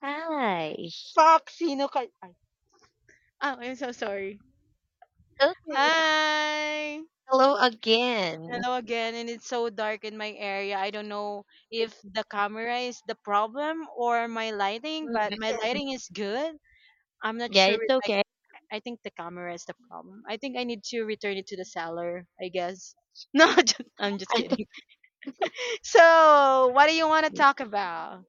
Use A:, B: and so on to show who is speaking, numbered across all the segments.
A: Hi.
B: Fuck! Sino ka ay. Oh, I'm so sorry.
A: Okay.
B: Hi!
A: Hello again.
B: Hello again, and it's so dark in my area. I don't know if the camera is the problem or my lighting, but my
A: Mm.
B: lighting is good. I'm not
A: Yeah,
B: sure
A: it's
B: if like
A: okay.
B: I think the camera is the problem. I think I need to return it to the seller, I guess. No, just, I'm just
A: I-
B: kidding. So, what do you want to talk about?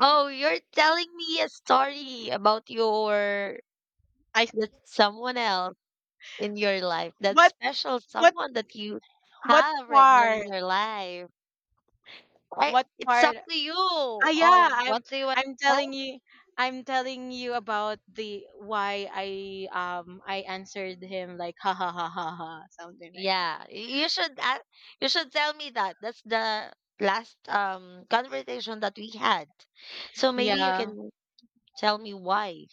A: Oh, you're telling me a story about your
B: I
A: that someone else in your life, that
B: what
A: special
B: what
A: someone that you
B: what
A: have right now in
B: part?
A: your life. I,
B: What
A: it's up
B: part?
A: to you. Oh,
B: Yeah,
A: what do you want
B: I'm
A: to tell
B: telling
A: me?
B: you I'm telling you about the why I answered him like ha ha ha ha ha, something like that.
A: Yeah, y- you should a you should tell me that. That's the last conversation that we had. So maybe you
B: Yeah.
A: can tell me why.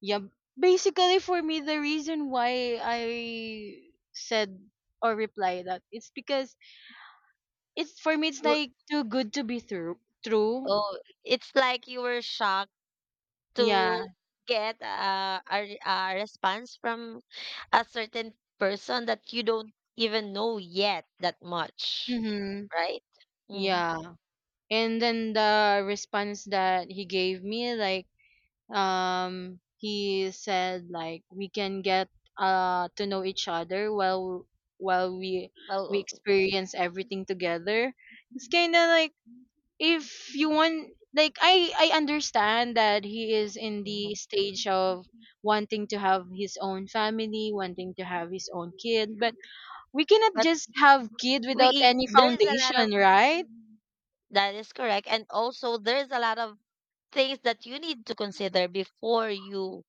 B: Yeah. Basically for me the reason why I said or reply that, it's because it's for me it's like too good to be true.
A: Oh, it's like you were shocked
B: Yeah.
A: to get a a response from a certain person that you don't even know yet that much,
B: Mhm.
A: right? Mm.
B: Yeah. And then the response that he gave me, like he said like we can get to know each other while while we
A: Well,
B: experience everything together. It's kind of like, if you want, like I understand that he is in the
A: mhm.
B: stage of wanting to have his own family, wanting to have his own kid, but we cannot
A: But
B: just have kid without
A: we
B: any
A: there's a lot of
B: foundation, right?
A: that is correct, and also there's a lot of things that you need to consider before you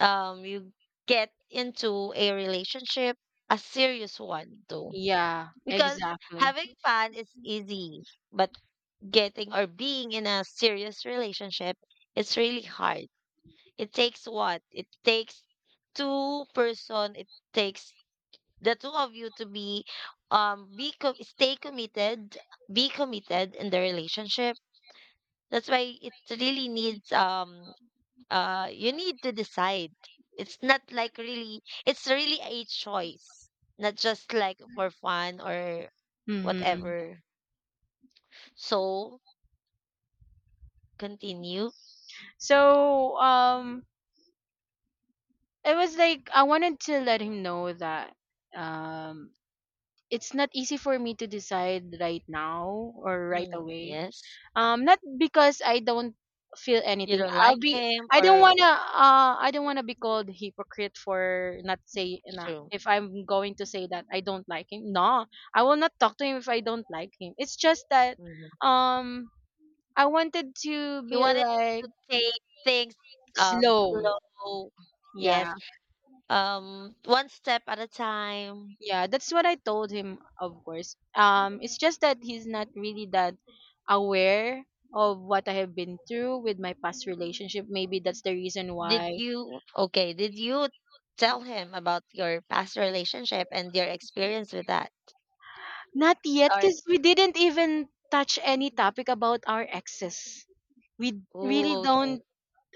A: you get into a relationship, a serious one too.
B: Yeah,
A: Because
B: exactly.
A: having fun is easy, but getting or being in a serious relationship, it's really hard. It takes what? It takes two person. It takes the two of you to be stay committed, be committed in the relationship. That's why it really needs you need to decide. It's really a choice, not just like for fun or
B: Mm-hmm.
A: whatever. So continue.
B: So it was like I wanted to let him know that um it's not easy for me to decide right now or right
A: Mm,
B: away.
A: yes.
B: Um, not because I don't feel
A: You
B: anything.
A: don't
B: I'll
A: like
B: be
A: him
B: I
A: or
B: don't
A: yeah,
B: want to I don't want to be called hypocrite for not say na.
A: true.
B: If I'm going to say that I don't like him, no, I will not talk to him if I don't like him. It's just that
A: Mhm.
B: um I wanted to
A: You
B: be
A: wanted
B: like
A: to take things
B: slow.
A: slow. Yes.
B: Yeah.
A: Um, one step at a time.
B: Yeah, that's what I told him, of course. It's just that he's not really that aware of what I have been through with my past relationship. Maybe that's the reason
A: Did
B: why.
A: you okay, did you tell him about your past relationship and your experience with that?
B: Not yet,
A: Or
B: because we didn't even touch any topic about our exes. We really
A: oh, okay.
B: don't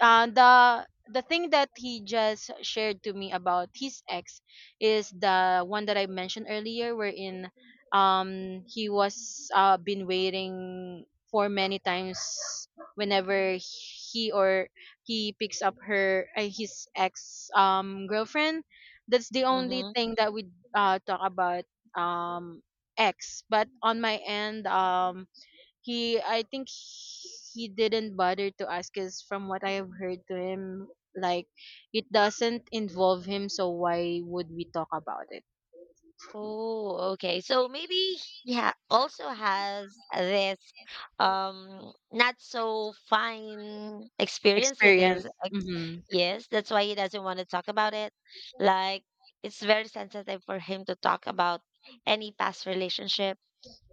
B: uh, the the thing that he just shared to me about his ex is the one that I mentioned earlier, wherein he was been waiting for many times whenever he or he picks up her, his ex girlfriend. That's the only
A: Mhm.
B: thing that we talk about, um ex. But on my end, um, he I think he didn't bother to ask us from what I have heard to him, like it doesn't involve him, so why would we talk about it?
A: Oh, okay. So maybe he ha also has this not so fine experience with
B: Experience.
A: his ex.
B: Hmm.
A: Yes, that's why he doesn't want to talk about it. Like it's very sensitive for him to talk about any past relationship.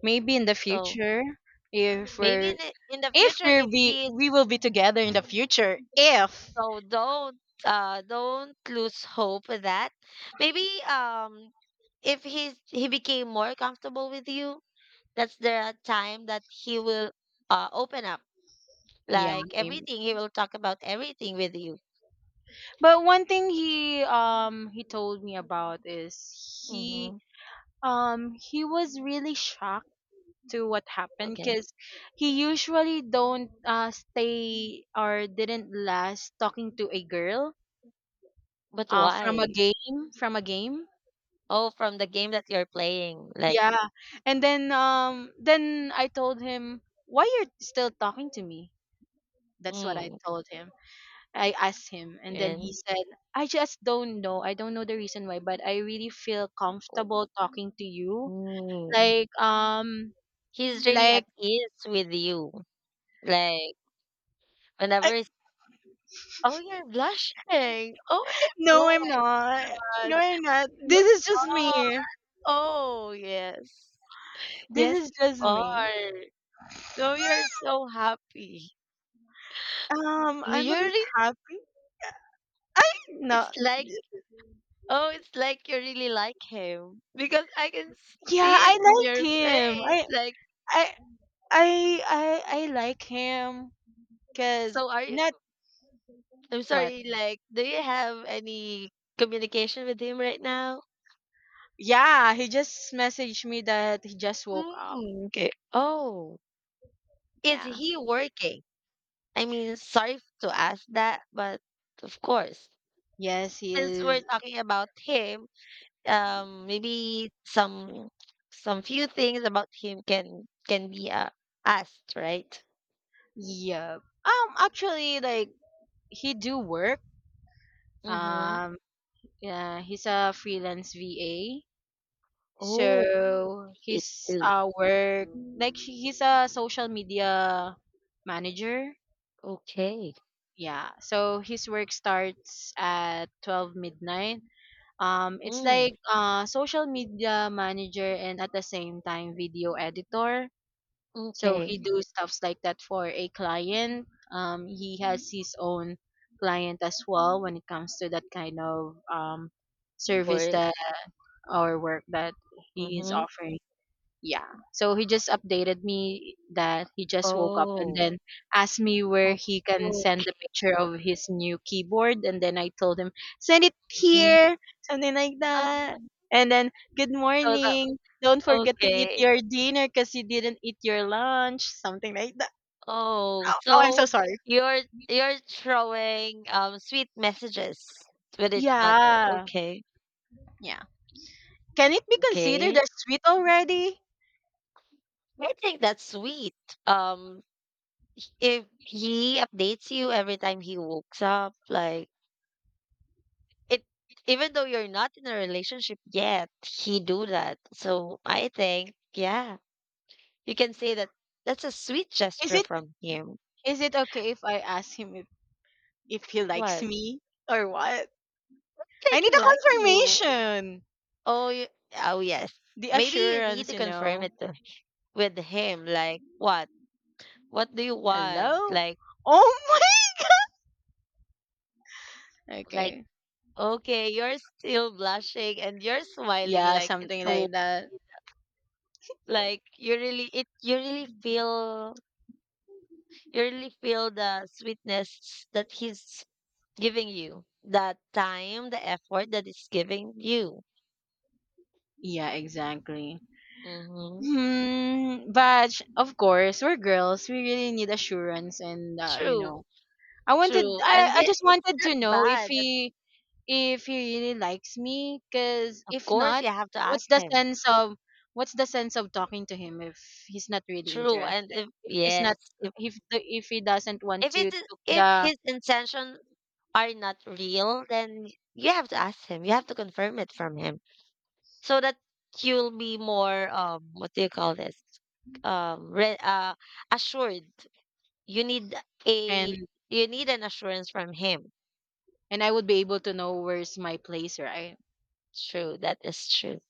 B: Maybe in the
A: So
B: future if
A: maybe in
B: we're
A: the
B: if
A: future
B: we're
A: if
B: be
A: he
B: we
A: is
B: will be together in the future if
A: so don't lose hope with that. Maybe if he's he became more comfortable with you, that's the time that he will open up,
B: yeah
A: like
B: maybe.
A: everything, he will talk about everything with you.
B: But one thing he told me about is
A: Mm-hmm.
B: he he was really shocked to what happened,
A: Okay.
B: because he usually don't, stay or didn't last talking to a girl,
A: But why?
B: from a game.
A: Oh, from the game that you're playing, like
B: Yeah. And then I told him, why you're still talking to me? That's what I
A: mm,
B: told him. I asked him and then he
A: and
B: said, I just don't know, I don't know the reason why, but I really feel
A: oh,
B: comfortable talking to you,
A: mm,
B: like, um,
A: he's really
B: like
A: at ease with you, like whenever
B: I,
A: he's, oh, you're blushing. Oh my,
B: no
A: oh
B: I'm
A: my
B: not,
A: god,
B: I'm not,
A: you
B: this is just
A: are.
B: me.
A: Oh yes,
B: This
A: yes
B: is
A: you
B: just me.
A: are. Oh, you're so happy.
B: I'm
A: You
B: a bit
A: really
B: happy. No,
A: it's like oh, it's like you really like him because I can
B: yeah,
A: see it
B: I
A: in
B: liked
A: your
B: him.
A: face. Like,
B: I I I like him because
A: so are you,
B: not
A: I'm
B: what.
A: sorry, like, do you have any communication with him right now?
B: Yeah, he just messaged me that he just woke up.
A: Mm, okay. Oh, is
B: Yeah.
A: he working? I mean, sorry to ask that, but of course,
B: Yes, he
A: since we're
B: is.
A: talking about him, maybe some few things about him can be asked, right?
B: Yep. Actually, like he do work.
A: Mm-hmm.
B: Um, yeah, he's a freelance VA.
A: Oh,
B: So his,
A: okay.
B: work, like he's a social media manager.
A: Okay.
B: Yeah. So his work starts at 12 midnight. It's
A: Mm,
B: like, social media manager and at the same time video editor. So he
A: okay.
B: do stuffs like that for a client. He has his own client as well when it comes to that kind of, service
A: Work.
B: that or work that he is
A: Mhm.
B: offering. Yeah. So he just updated me that he just woke up and
A: Oh.
B: then asked me where he can
A: Oh,
B: send the picture of his new keyboard. And then I told him, send it
A: mhm.
B: here, something like
A: Ah,
B: that. And then, good
A: so that
B: morning. Don't forget to eat
A: okay.
B: your dinner because you didn't eat your lunch, something like that.
A: Oh,
B: Oh, oh, I'm
A: so
B: so sorry.
A: you're you're throwing sweet messages with each other.
B: Yeah.
A: Okay.
B: Yeah. Can it be considered
A: Okay.
B: as sweet already?
A: I think that's sweet. Um, if he updates you every time he wakes up, like it, even though you're not in a relationship yet, he do that. So I think, yeah. You can say that that's a sweet
B: Is
A: gesture
B: it
A: from him.
B: is it okay if I ask him if he likes
A: What?
B: me or what?
A: Like
B: I need
A: he likes
B: a
A: you.
B: confirmation.
A: Oh, y- oh yes.
B: The
A: Maybe you need
B: assurance,
A: to
B: you
A: confirm
B: know.
A: it to, with him. Like what? What do you want?
B: Hello? Oh my.
A: Like
B: Okay.
A: okay, you're still blushing and you're smiling,
B: Yeah,
A: like it's
B: something
A: so
B: like that.
A: like you really it you really feel the sweetness that he's giving you, the time, the effort that he's giving you.
B: Yeah, exactly.
A: Mm-hmm.
B: Hmm, but of course, we're girls. We really need assurance and, you
A: True.
B: know.
A: True. And
B: I
A: yeah,
B: just
A: it's
B: wanted
A: not
B: to know
A: bad. That,
B: if he really likes me, because
A: of
B: if
A: course,
B: not,
A: you have to
B: what's
A: ask
B: the
A: him.
B: sense of what's the sense of talking to him if he's not really
A: True.
B: interested,
A: And if
B: if he's
A: yes,
B: not if if he doesn't want
A: if
B: to
A: it's
B: took
A: if
B: the.
A: his intention are not real, then you have to ask him. You have to confirm it from him so that you'll be more what do you call this? Um re- uh Assured. You need a
B: and
A: you need an assurance from him.
B: and I would be able to know where's my place, right?
A: True. That is true.